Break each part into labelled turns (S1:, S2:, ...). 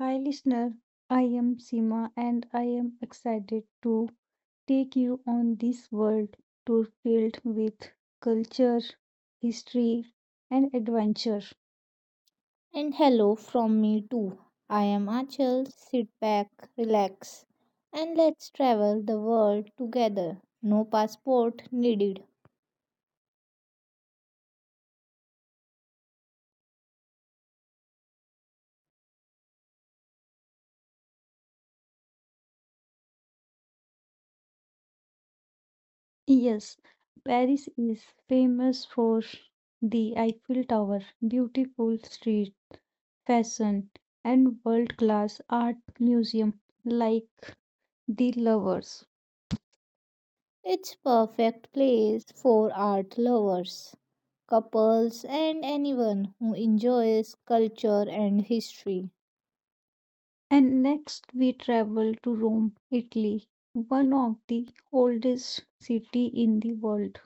S1: Hi, listener. I am Seema and I am excited to take you on this world tour filled with culture, history, and adventure.
S2: And hello from me too. I am Achal. Sit back, relax, and let's travel the world together. No passport needed.
S1: Yes, Paris is famous for the Eiffel Tower, beautiful street, fashion, and world class art museum like the Lovers.
S2: It's perfect place for art lovers, couples, and anyone who enjoys culture and history.
S1: And next, we travel to Rome, Italy, one of the oldest city in the world.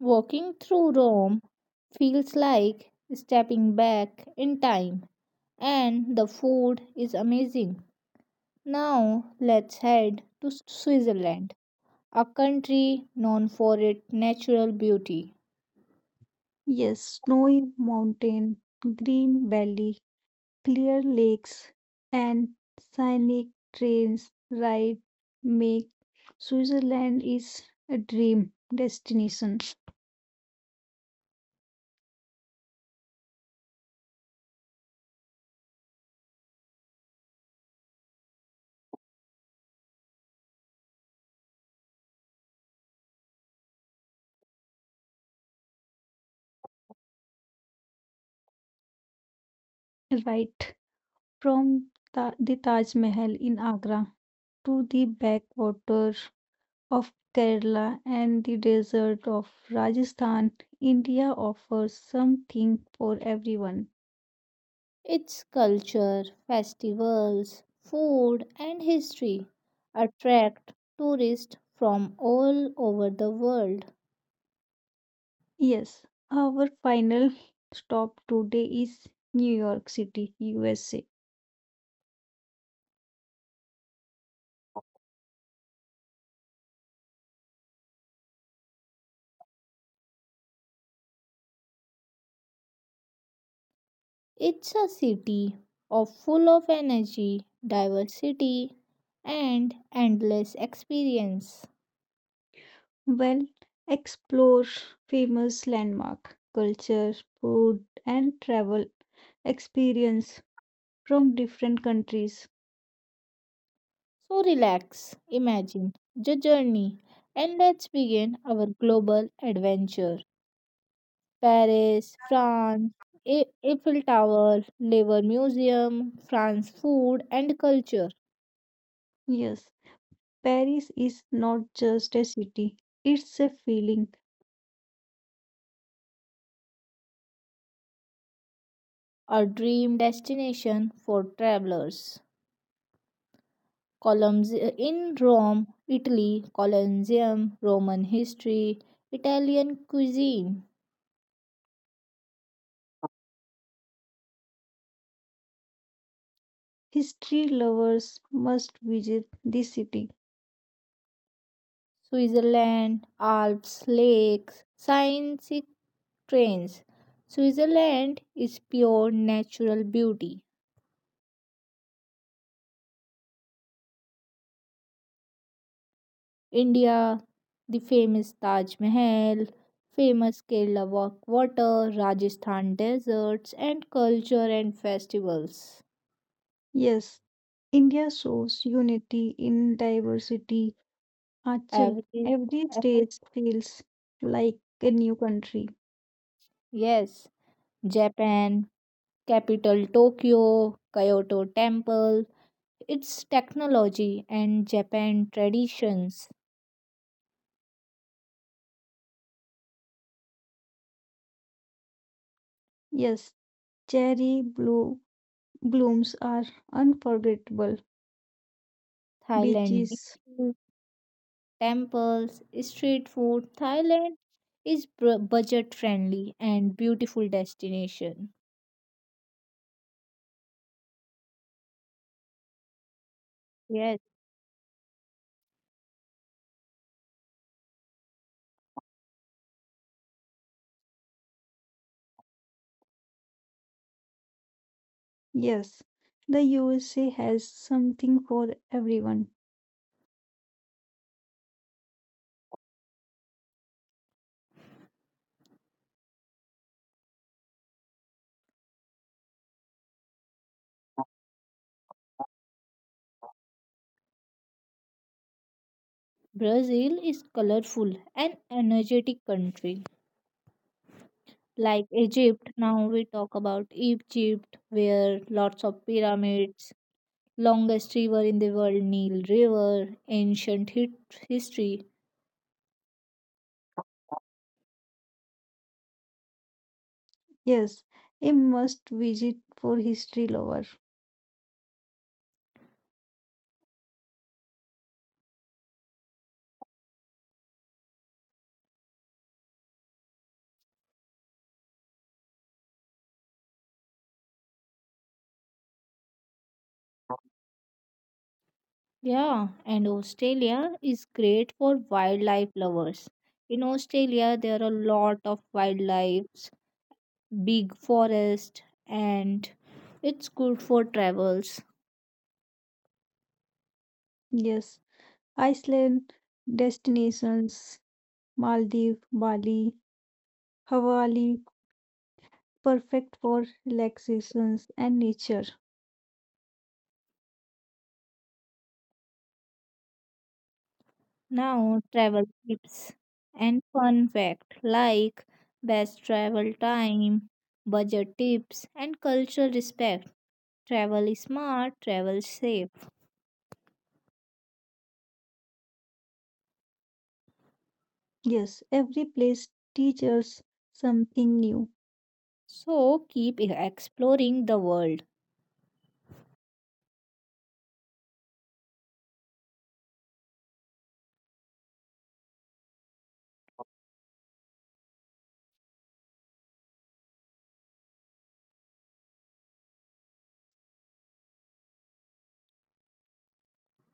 S2: Walking through Rome feels like stepping back in time, and the food is amazing. Now let's head to Switzerland, a country known for its natural beauty,
S1: Yes, snowy mountain, green valley, clear lakes, and scenic trains ride make Switzerland is a dream destination. Right from the Taj Mahal in Agra to the backwater of Kerala and the desert of Rajasthan, India offers something for everyone.
S2: its culture, festivals, food, and history attract tourists from all over the world.
S1: Yes, our final stop today is New York City, USA.
S2: It's a city of full of energy, diversity, and endless experience.
S1: Well, explore famous landmark, culture, food, and travel experience from different countries.
S2: So relax, imagine the journey, and let's begin our global adventure. Paris, France, Eiffel Tower, Louvre Museum, France food and culture,
S1: Yes, Paris is not just a city, it's a feeling.
S2: a dream destination for travelers. Columns in Rome, Italy, Colosseum, Roman history, Italian cuisine,
S1: History lovers must visit this city.
S2: Switzerland, Alps, lakes, science trains. Switzerland is pure natural beauty. India, the famous Taj Mahal, famous Kerala water, Rajasthan deserts, and culture and festivals.
S1: Yes, India shows unity in diversity. Achal,
S2: Every,
S1: every
S2: every
S1: state feels like a new country.
S2: yes, Japan, capital Tokyo, Kyoto Temple, its technology and Japan traditions,
S1: Yes, cherry blue blooms are unforgettable.
S2: Thailand
S1: Beaches,
S2: beaches, temples, street food. Thailand is budget friendly and beautiful destination. Yes.
S1: yes. The USA has something for everyone.
S2: Brazil is colorful and energetic country. Like Egypt, now we talk about Egypt where lots of pyramids, longest river in the world Nile River, ancient history.
S1: Yes, a must visit for history lover.
S2: Yeah, and Australia is great for wildlife lovers. In Australia there are a lot of wildlife, big forest and it's good for travels.
S1: Yes, Iceland destinations Maldives, Bali, Hawaii, perfect for relaxations and nature.
S2: Now, travel tips and fun fact like best travel time, budget tips, and cultural respect. Travel is smart, travel safe.
S1: Yes, every place teaches something new.
S2: So keep exploring the world.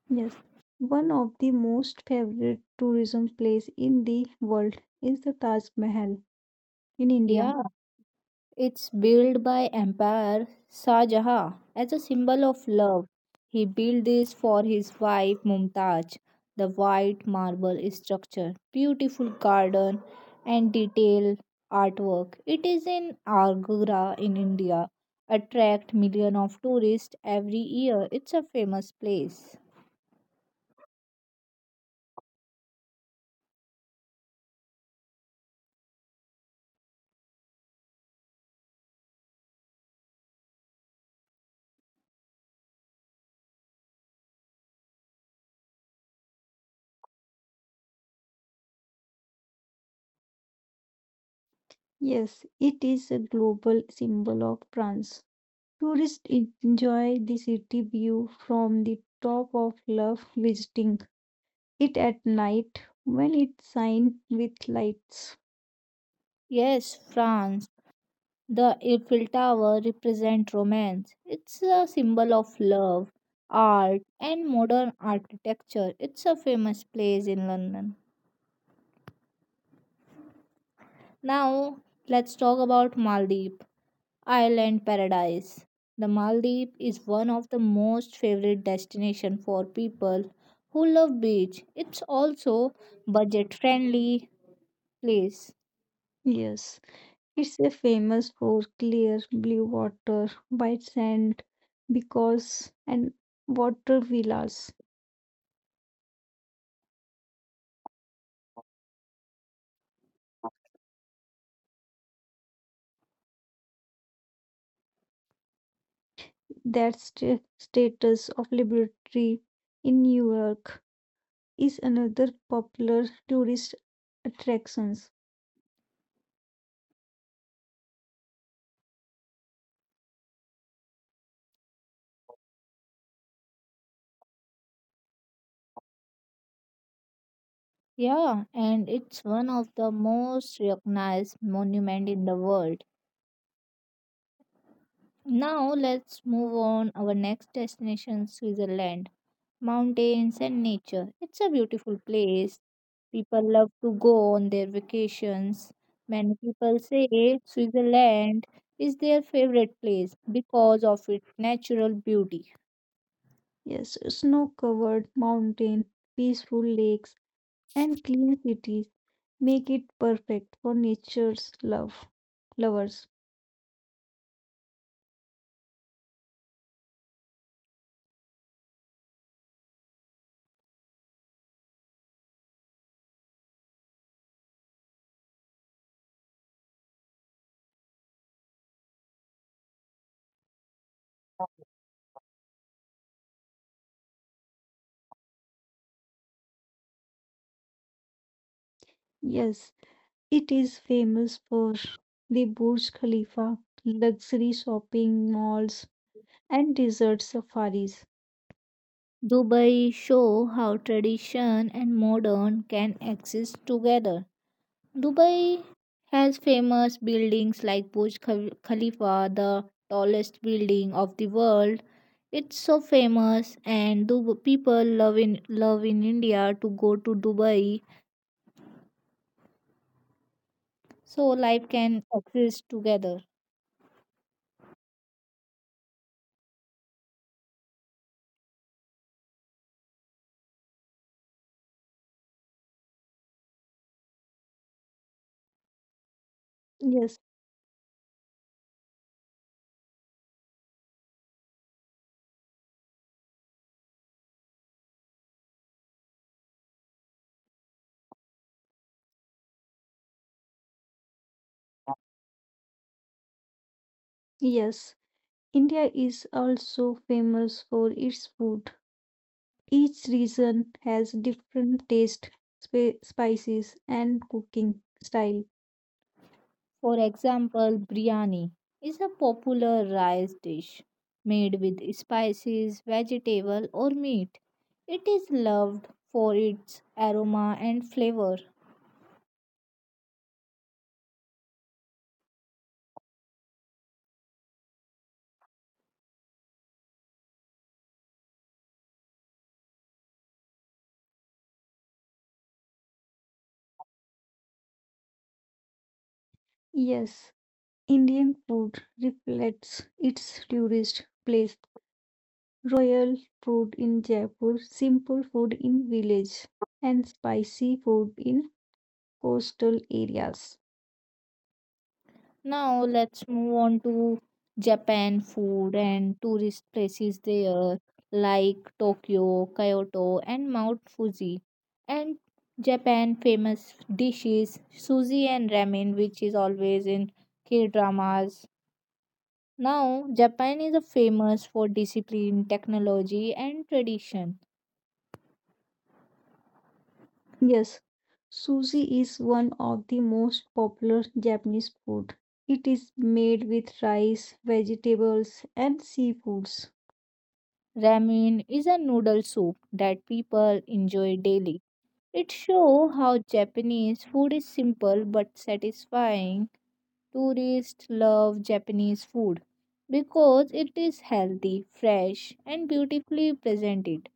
S1: Yes, one of the most favorite tourism place in the world is the Taj Mahal in India.
S2: Yeah. It's built by Emperor Shah Jahan as a symbol of love. He built this for his wife Mumtaz. The white marble structure, beautiful garden, and detailed artwork. It is in Agra in India. Attract millions of tourists every year. It's a famous place.
S1: Yes, it is a global symbol of France. Tourists enjoy the city view from the top of love visiting it at night when it shines with lights.
S2: Yes, France. The Eiffel Tower represents romance. It's a symbol of love, art, and modern architecture. It's a famous place in London. Now, let's talk about Maldives, island paradise. The Maldives is one of the most favorite destination for people who love beach. It's also budget-friendly place.
S1: Yes, it's a famous for clear blue water, white sand, because and water villas. That status of liberty in New York is another popular tourist attractions.
S2: Yeah, and it's one of the most recognized monument in the world. Now let's move on our next destination Switzerland. Mountains and nature. It's a beautiful place. People love to go on their vacations. Many people say Switzerland is their favorite place because of its natural beauty.
S1: Yes, snow-covered mountain, peaceful lakes, and clean cities make it perfect for nature's lovers. Yes. It is famous for the Burj Khalifa, luxury shopping malls, and desert safaris.
S2: Dubai show how tradition and modern can exist together. Dubai has famous buildings like Khalifa, the tallest building of the world. It's so famous, and people love in love in India to go to Dubai so life can exist together.
S1: Yes, yes, India is also famous for its food. Each region has different taste, spices, and cooking style.
S2: For example, biryani is a popular rice dish made with spices, vegetable, or meat. It is loved for its aroma and flavor.
S1: Yes, Indian food reflects its tourist place. Royal food in Jaipur, simple food in village, and spicy food in coastal areas.
S2: Now let's move on to Japan food and tourist places there like Tokyo, Kyoto and Mount Fuji. And Japan famous dishes sushi and ramen which is always in K-dramas. Now Japan is a famous for discipline, technology and tradition.
S1: Yes, sushi is one of the most popular Japanese food. It is made with rice, vegetables, and seafoods.
S2: Ramen is a noodle soup that people enjoy daily. It shows how Japanese food is simple but satisfying. Tourists love Japanese food because it is healthy, fresh, and beautifully presented.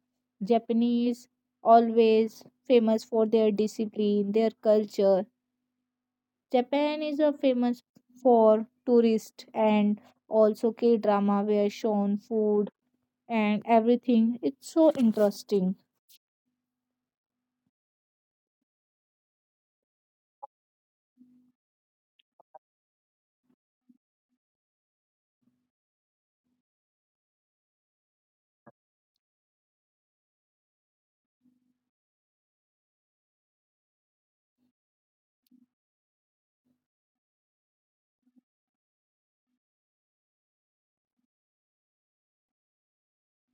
S2: Japanese always famous for their discipline, their culture. Japan is a famous for tourists and also K drama where shown food and everything. It's so interesting.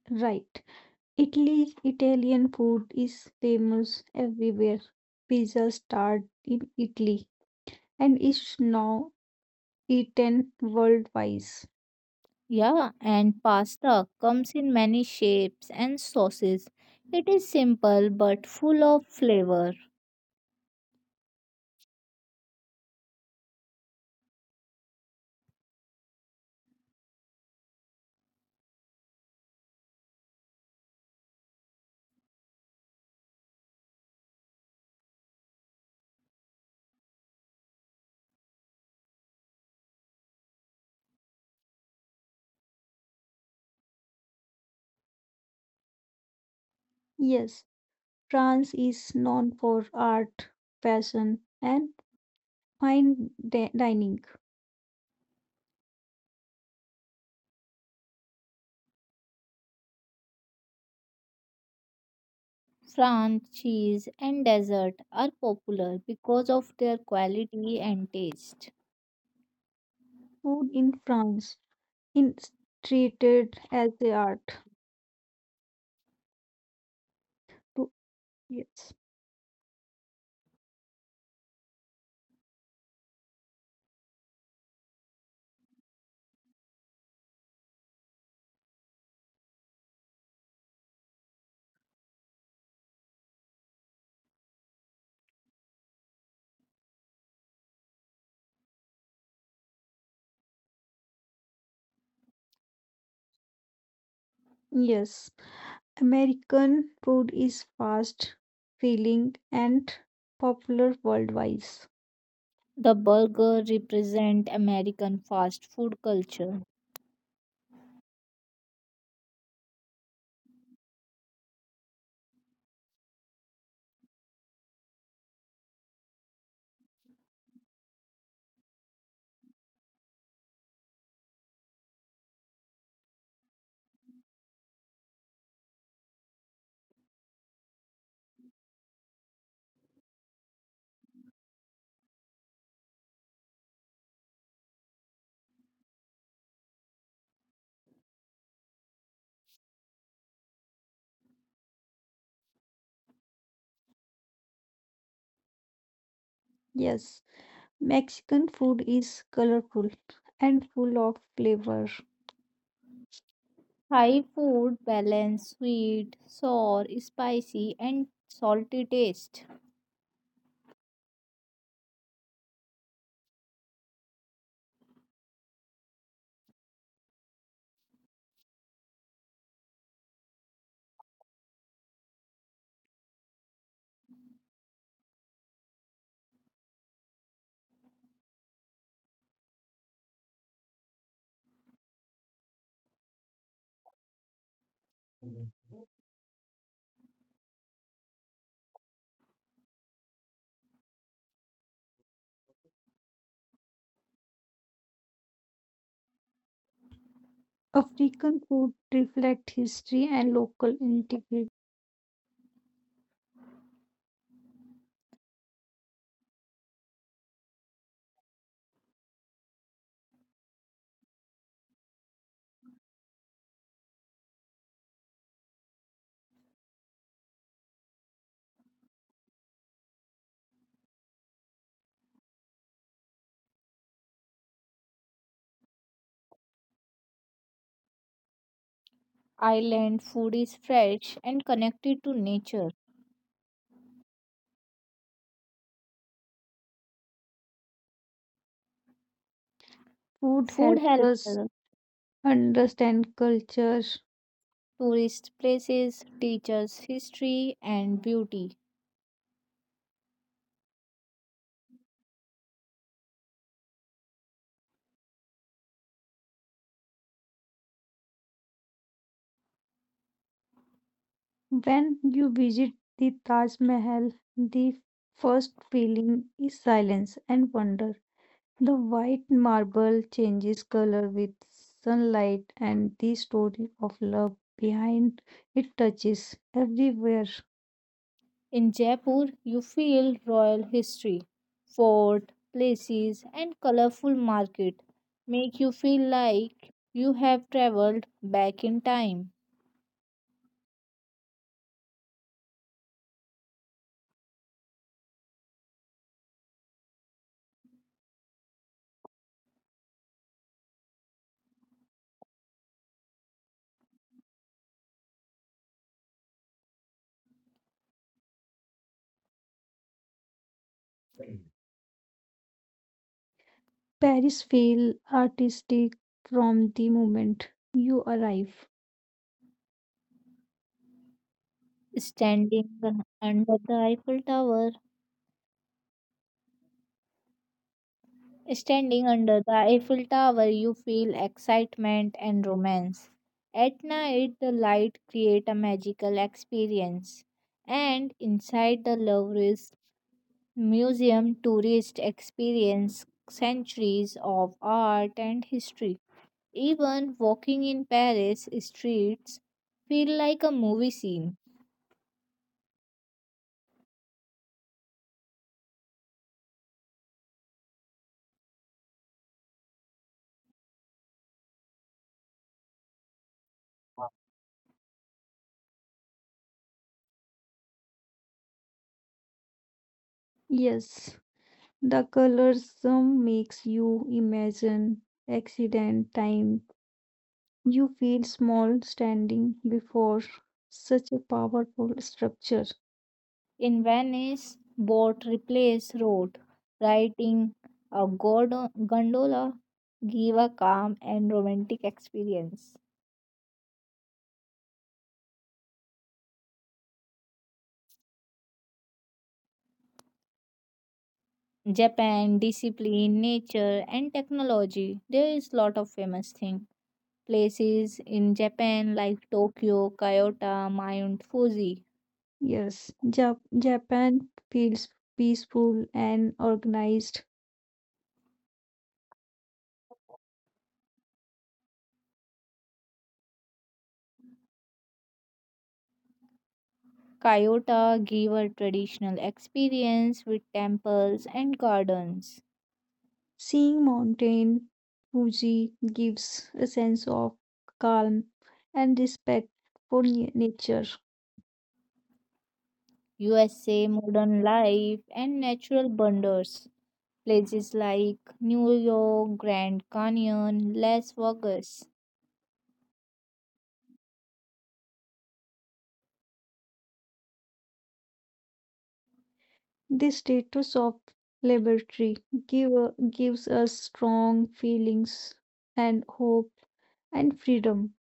S1: Right. Italy Italian food is famous everywhere. Pizza started in Italy and is now eaten worldwide.
S2: Yeah, and pasta comes in many shapes and sauces. It is simple but full of flavor.
S1: Yes, France is known for art, fashion, and fine dining.
S2: France cheese and dessert are popular because of their quality and taste.
S1: Food in France it's treated as a art. To- Yes, yes, American food is fast, filling, and popular worldwide.
S2: The burger represent American fast food culture.
S1: Yes, Mexican food is colorful and full of flavor.
S2: Thai food balance sweet, sour, spicy and salty taste.
S1: African food reflects history and local integrity.
S2: Island food is fresh and connected to nature.
S1: Food
S2: Food
S1: helps
S2: helps
S1: us understand culture.
S2: tourist places, teaches history and beauty.
S1: When you visit the Taj Mahal, the first feeling is silence and wonder. The white marble changes color with sunlight, and the story of love behind it touches everywhere.
S2: In Jaipur, you feel royal history, fort, places, and colorful market make you feel like you have traveled back in time.
S1: Paris feels artistic from the moment you arrive.
S2: Standing under the Eiffel Tower, Standing under the Eiffel Tower, you feel excitement and romance. At night, the light create a magical experience, and inside the Louvre is Museum tourists experience centuries of art and history. Even walking in Paris streets feel like a movie scene.
S1: Yes, the colors some makes you imagine accident, time. You feel small standing before such a powerful structure.
S2: In Venice, boat replace road, riding a gondola give a calm and romantic experience. Japan, discipline, nature, and technology. There is lot of famous thing. Places in Japan like Tokyo, Kyoto, Mount Fuji.
S1: Yes, Japan feels peaceful and organized.
S2: Kyoto give a traditional experience with temples and gardens.
S1: Seeing Mountain Fuji gives a sense of calm and respect for nature.
S2: USA modern life and natural wonders. Places like New York, Grand Canyon, Las Vegas.
S1: The status of liberty give, gives us strong feelings and hope and freedom.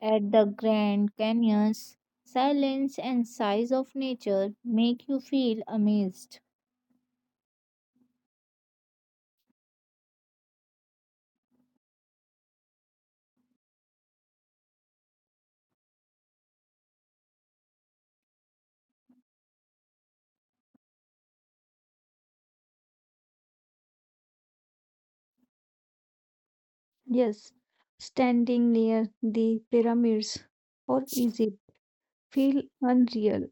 S2: At the Grand Canyons, silence and size of nature make you feel amazed.
S1: Yes, standing near the pyramids or Egypt feel unreal.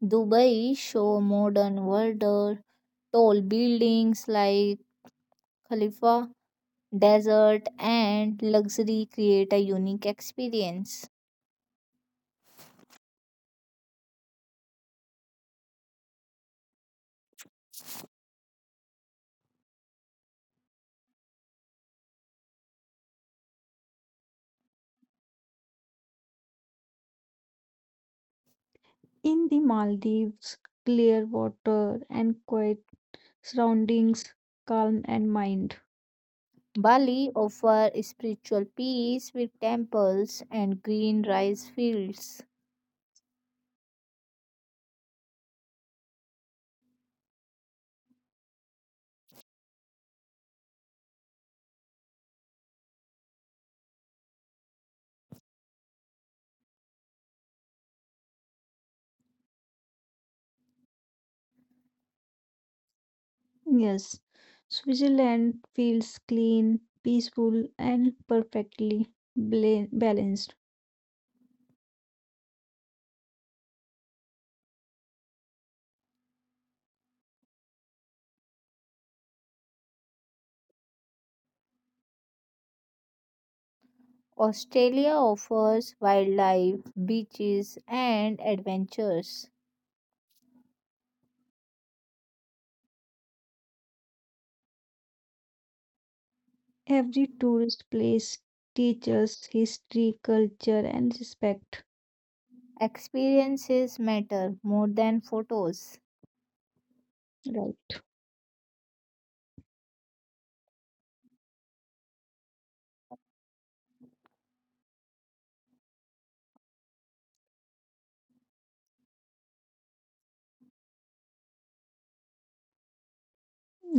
S2: Dubai show modern wonder. Tall buildings like Khalifa, desert, and luxury create a unique experience.
S1: In the Maldives, clear water and quiet surroundings, calm and mind.
S2: Bali offers spiritual peace with temples and green rice fields.
S1: Yes, Switzerland feels clean, peaceful, and perfectly balanced.
S2: Australia offers wildlife, beaches, and adventures.
S1: Every tourist place teaches history, culture, and respect.
S2: Experiences matter more than photos.
S1: Right.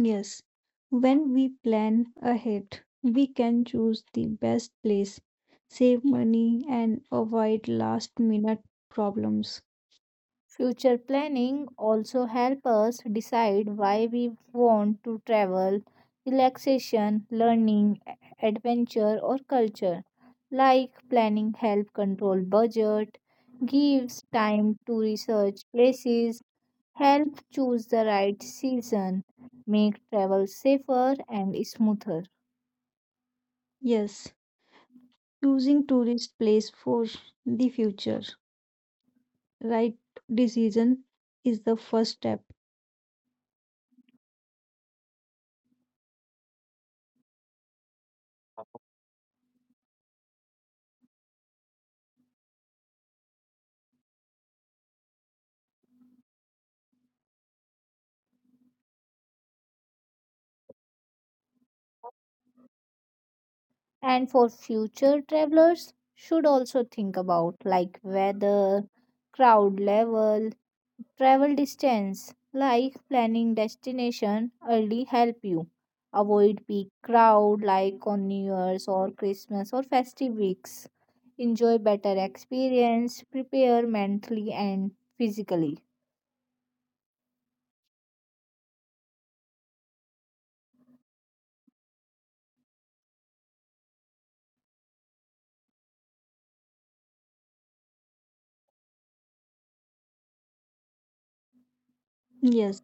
S1: Yes, when we plan ahead, we can choose the best place, save money, and avoid last minute problems.
S2: Future planning also help us decide why we want to travel, relaxation, learning, adventure or culture. Like planning help control budget, gives time to research places, help choose the right season, make travel safer and smoother.
S1: Yes, choosing tourist place for the future. Right decision is the first step.
S2: And for future travelers should also think about like weather crowd level travel distance like planning destination early help you avoid peak crowd like on new year's or christmas or festive weeks enjoy better experience prepare mentally and physically.
S1: Yes,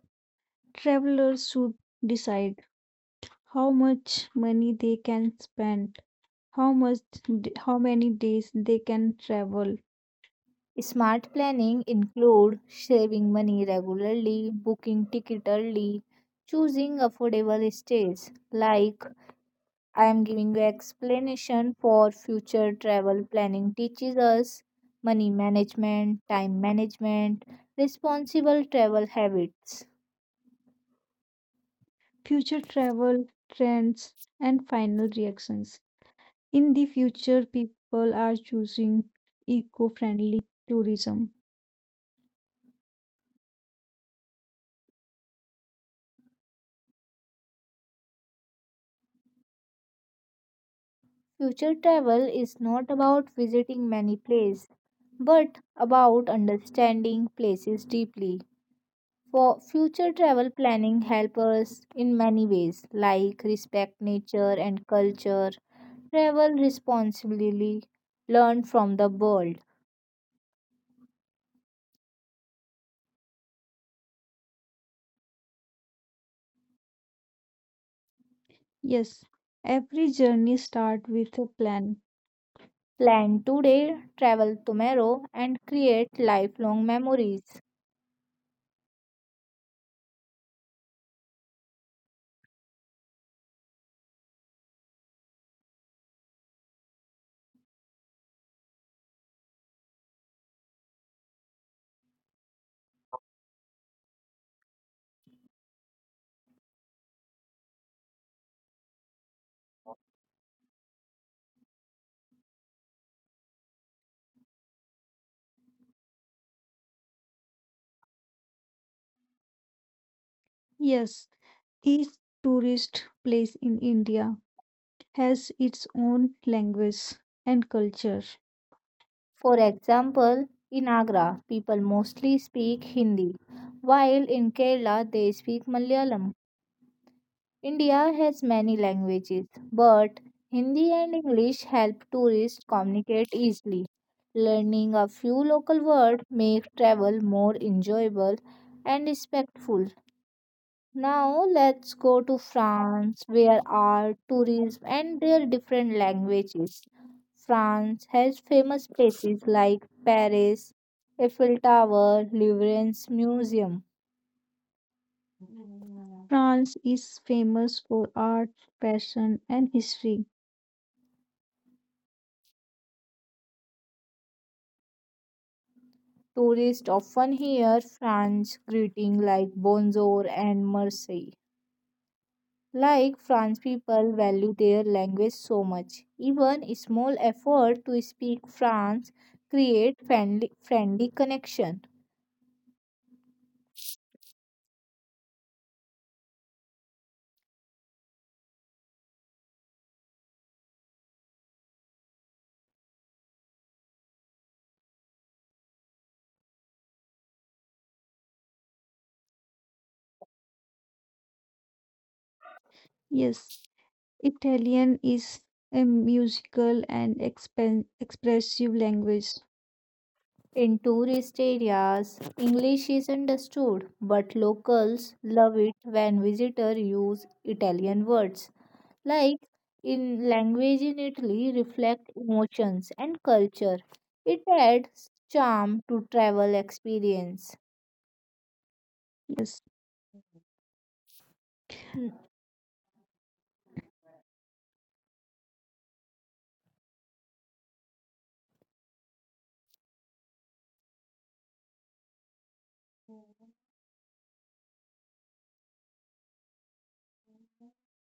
S1: travelers should decide how much money they can spend, how much how many days they can travel,
S2: Smart planning include saving money regularly, booking ticket early, choosing affordable stays. Like I am giving you explanation for future travel planning teaches us money management, time management, responsible travel habits.
S1: future travel trends and final reactions. In the future, people are choosing eco friendly tourism.
S2: Future travel is not about visiting many places but about understanding places deeply. For future travel planning help us in many ways like respect nature and culture, travel responsibly, learn from the world,
S1: Yes, every journey starts with a plan.
S2: plan today, travel tomorrow and create lifelong memories.
S1: Yes, each tourist place in India has its own language and culture.
S2: For example, in Agra people mostly speak Hindi while in Kerala they speak Malayalam. India has many languages, but Hindi and English help tourists communicate easily. Learning a few local words makes travel more enjoyable and respectful. Now let's go to France, where art, tourism, and their different languages. France has famous places like Paris, Eiffel Tower, Louvre's Museum.
S1: France is famous for art, fashion, and history.
S2: Tourists often hear France greeting like bonjour and merci. Like France people value their language so much. Even a small effort to speak France create friendly connection.
S1: Yes, Italian is a musical and expressive language.
S2: In tourist areas, English is understood, but locals love it when visitors use Italian words. Like in language in Italy reflect emotions and culture. It adds charm to travel experience.
S1: Yes,
S2: Hmm,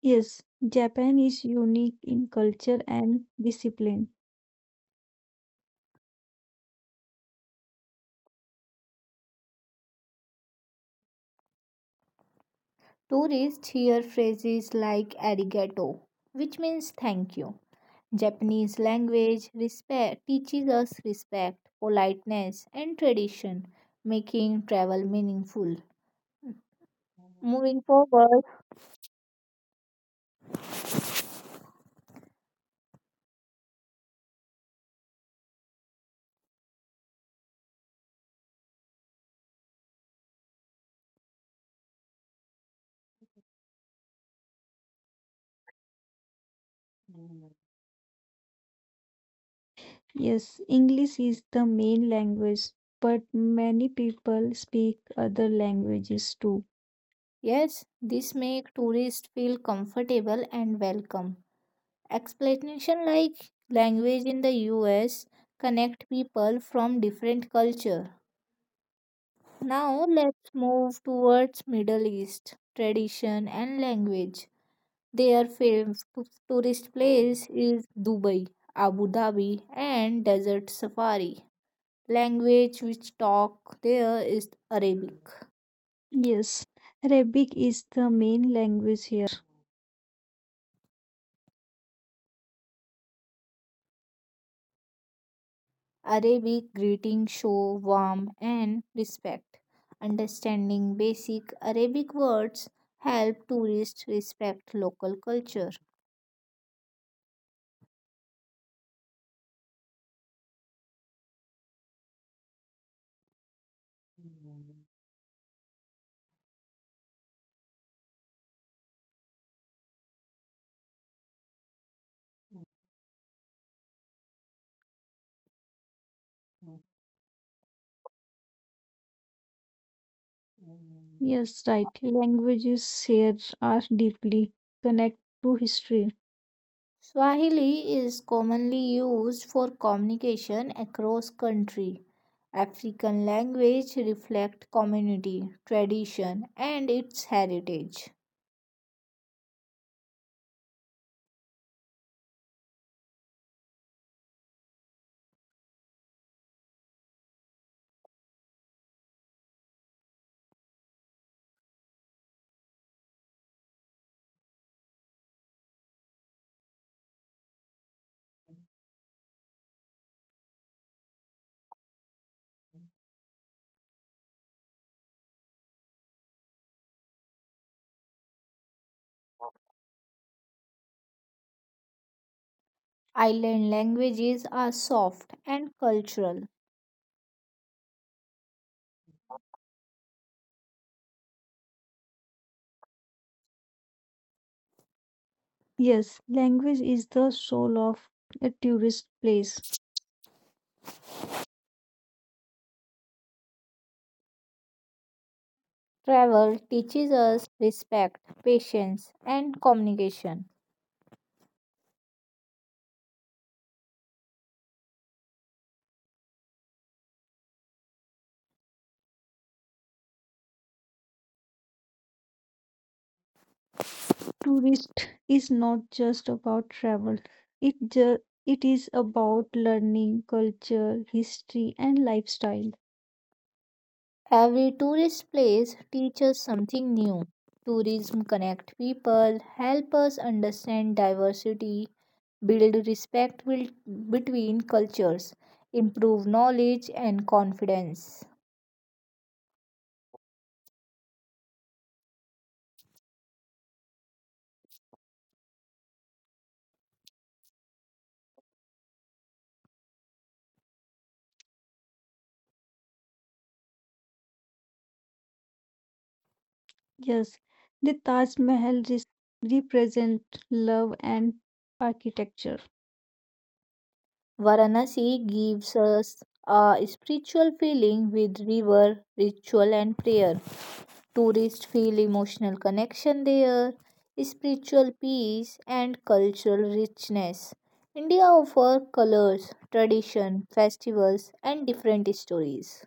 S1: Yes, Japan is unique in culture and discipline.
S2: tourists hear phrases like arigato, which means thank you. Japanese language respect teaches us respect, politeness and tradition, making travel meaningful. Hmm, moving forward,
S1: Yes, English is the main language, but many people speak other languages too.
S2: yes, this makes tourists feel comfortable and welcome. Explanation like language in the US connect people from different culture. Now let's move towards Middle East tradition and language. Their favorite tourist place is Dubai, Abu Dhabi and Desert Safari. Language which talk there is Arabic.
S1: Yes, Arabic is the main language here.
S2: Arabic greetings show warmth and respect. Understanding basic Arabic words help tourists respect local culture.
S1: Yes, right. Languages here are deeply connected to history.
S2: Swahili is commonly used for communication across country. African language reflect community, tradition and its heritage. Island languages are soft and cultural.
S1: Yes, language is the soul of a tourist place.
S2: Travel teaches us respect, patience and communication.
S1: Tourist is not just about travel, it ju- it is about learning culture, history, and lifestyle.
S2: Every tourist place teaches something new. Tourism connect people, help us understand diversity, build respect between cultures, improve knowledge and confidence.
S1: Yes, the Taj Mahal represent love and architecture.
S2: Varanasi gives us a spiritual feeling with river, ritual and prayer. Tourists feel emotional connection there, spiritual peace, and cultural richness. India offers colors, tradition, festivals, and different stories.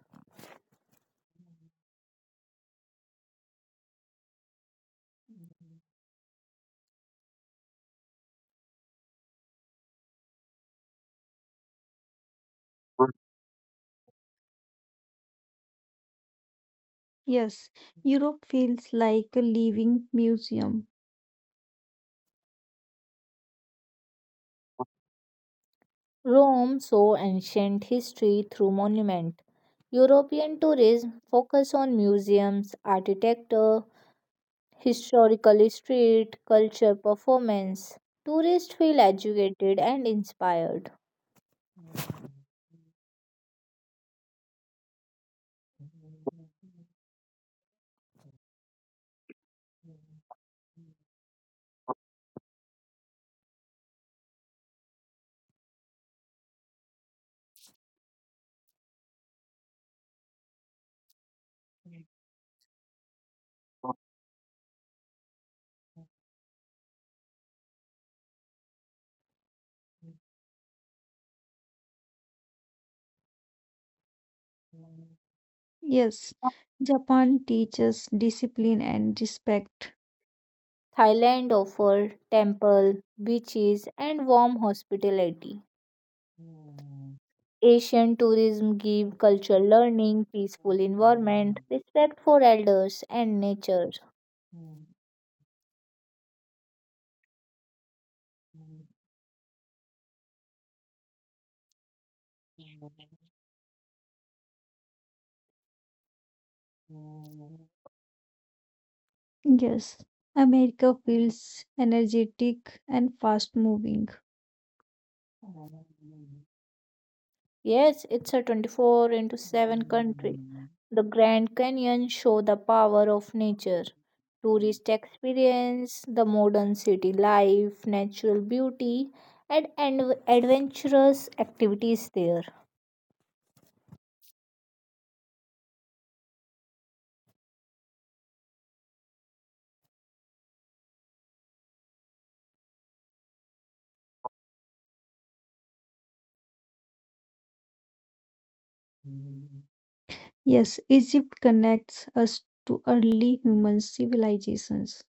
S1: Yes, Europe feels like a living museum.
S2: Rome saw ancient history through monument. European tourism focus on museums, architecture, historical street, culture performance. Tourists feel educated and inspired.
S1: Yes, Japan teaches discipline and respect.
S2: Thailand offered temple, beaches and warm hospitality. Asian tourism give cultural learning, peaceful environment, respect for elders and nature.
S1: Yes, America feels energetic and fast moving.
S2: Yes, it's a 24 into 7 country. The Grand Canyon show the power of nature. Tourist experience, the modern city life, natural beauty and adventurous activities there.
S1: Yes, Egypt connects us to early human civilizations.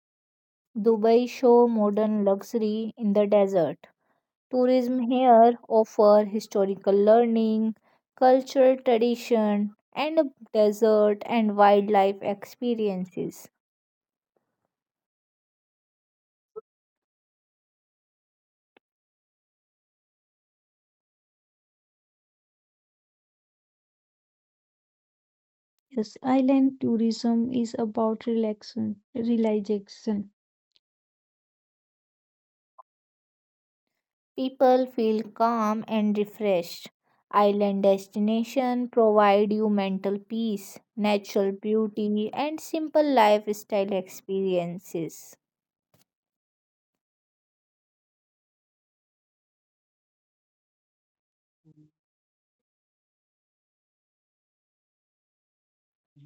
S2: Dubai show modern luxury in the desert. Tourism here offer historical learning, cultural tradition, and a desert and wildlife experiences.
S1: Yes, island tourism is about relaxation.
S2: People feel calm and refreshed. Island destination provide you mental peace, natural beauty, and simple lifestyle experiences.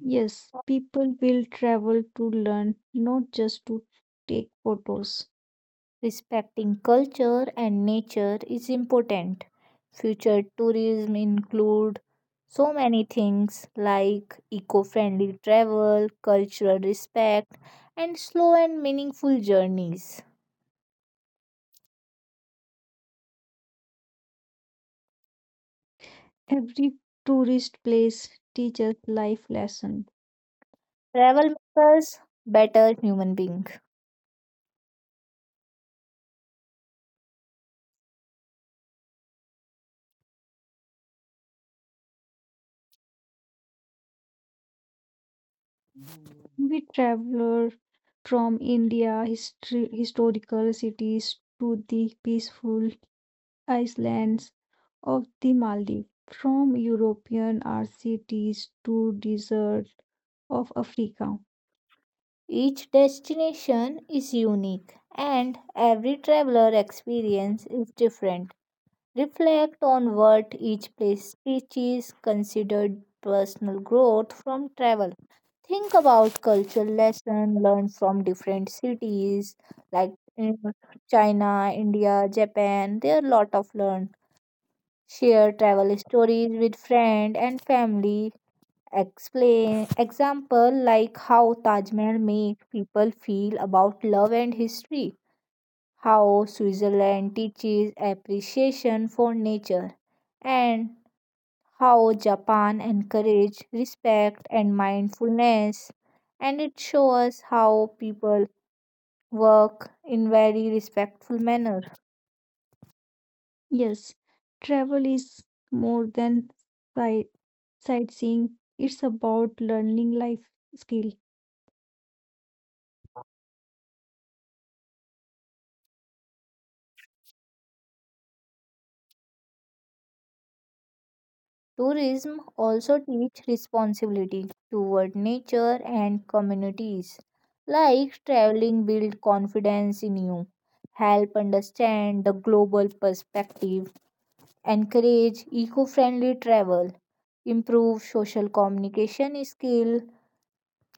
S1: Yes, people will travel to learn, not just to take photos.
S2: Respecting culture and nature is important. Future tourism include so many things like eco-friendly travel, cultural respect, and slow and meaningful journeys.
S1: Every tourist place teaches life lesson.
S2: Travel makes us better human beings.
S1: We travel from historical cities to the peaceful islands of the Maldives, from European cities to desert of Africa.
S2: Each destination is unique and every traveler experience is different. Reflect on what each place teaches, consider personal growth from travel. Think about cultural lessons learned from different cities like in China, India, Japan. There are a lot of learn. Share travel stories with friend and family. Explain example like how Taj Mahal make people feel about love and history how Switzerland teaches appreciation for nature, and how Japan encourages respect and mindfulness. And it shows how people work in very respectful manner.
S1: Yes, travel is more than sight- sightseeing, it's about learning life skill.
S2: Tourism also teach responsibility toward nature and communities. Like traveling build confidence in you, help understand the global perspective, encourage eco-friendly travel improve social communication skill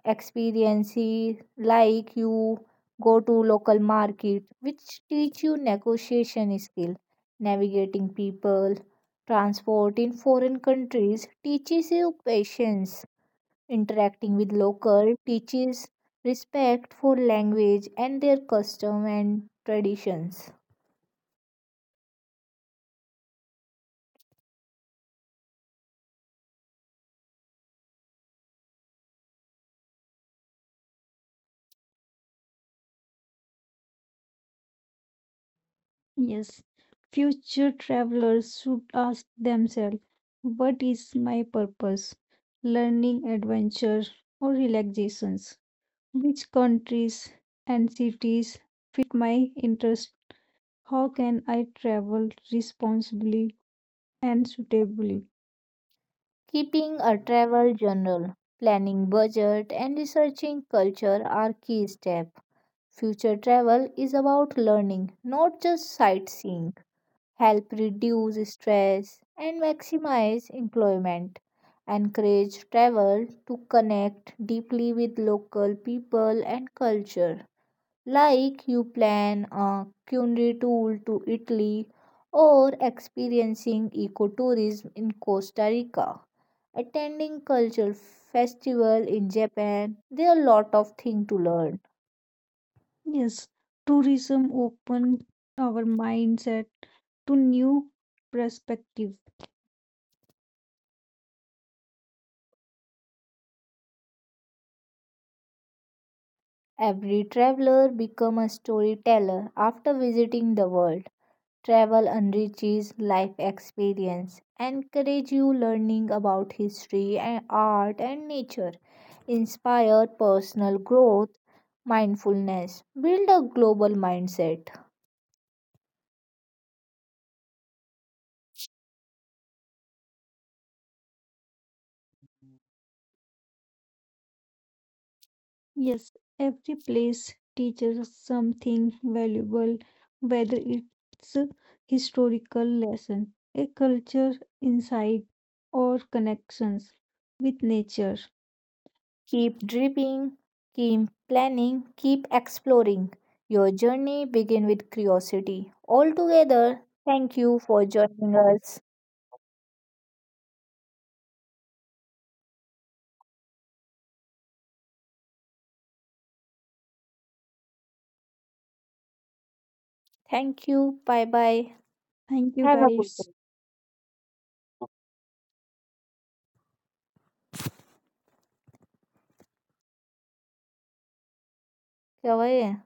S2: experiences like you go to local market which teach you negotiation skill navigating people transport in foreign countries teaches you patience interacting with local teaches respect for language and their custom and traditions
S1: Yes, future travelers should ask themselves, what is my purpose? Learning, adventure, or relaxations? Which countries and cities fit my interest? How can I travel responsibly and suitably?
S2: keeping a travel journal planning budget and researching culture are key steps. Future travel is about learning, not just sightseeing. Help reduce stress and maximize employment. Encourage travel to connect deeply with local people and culture. Like you plan a culinary tour to Italy or experiencing ecotourism in Costa Rica, attending cultural festival in Japan. There are a lot of things to learn.
S1: Yes, tourism opens our mindset to new perspective.
S2: Every traveler become a storyteller after visiting the world. Travel enriches life experience, encourage you learning about history and art and nature, inspire personal growth, mindfulness, build a global mindset.
S1: Yes, every place teaches us something valuable, whether it's a historical lesson, a culture insight, or connections with nature.
S2: Keep dreaming, keep planning, keep exploring. Your journey begin with curiosity. Altogether, thank you for joining us. Thank you. Bye bye.
S1: Thank you,
S2: Have a good
S1: guys.
S2: day. 可愛い。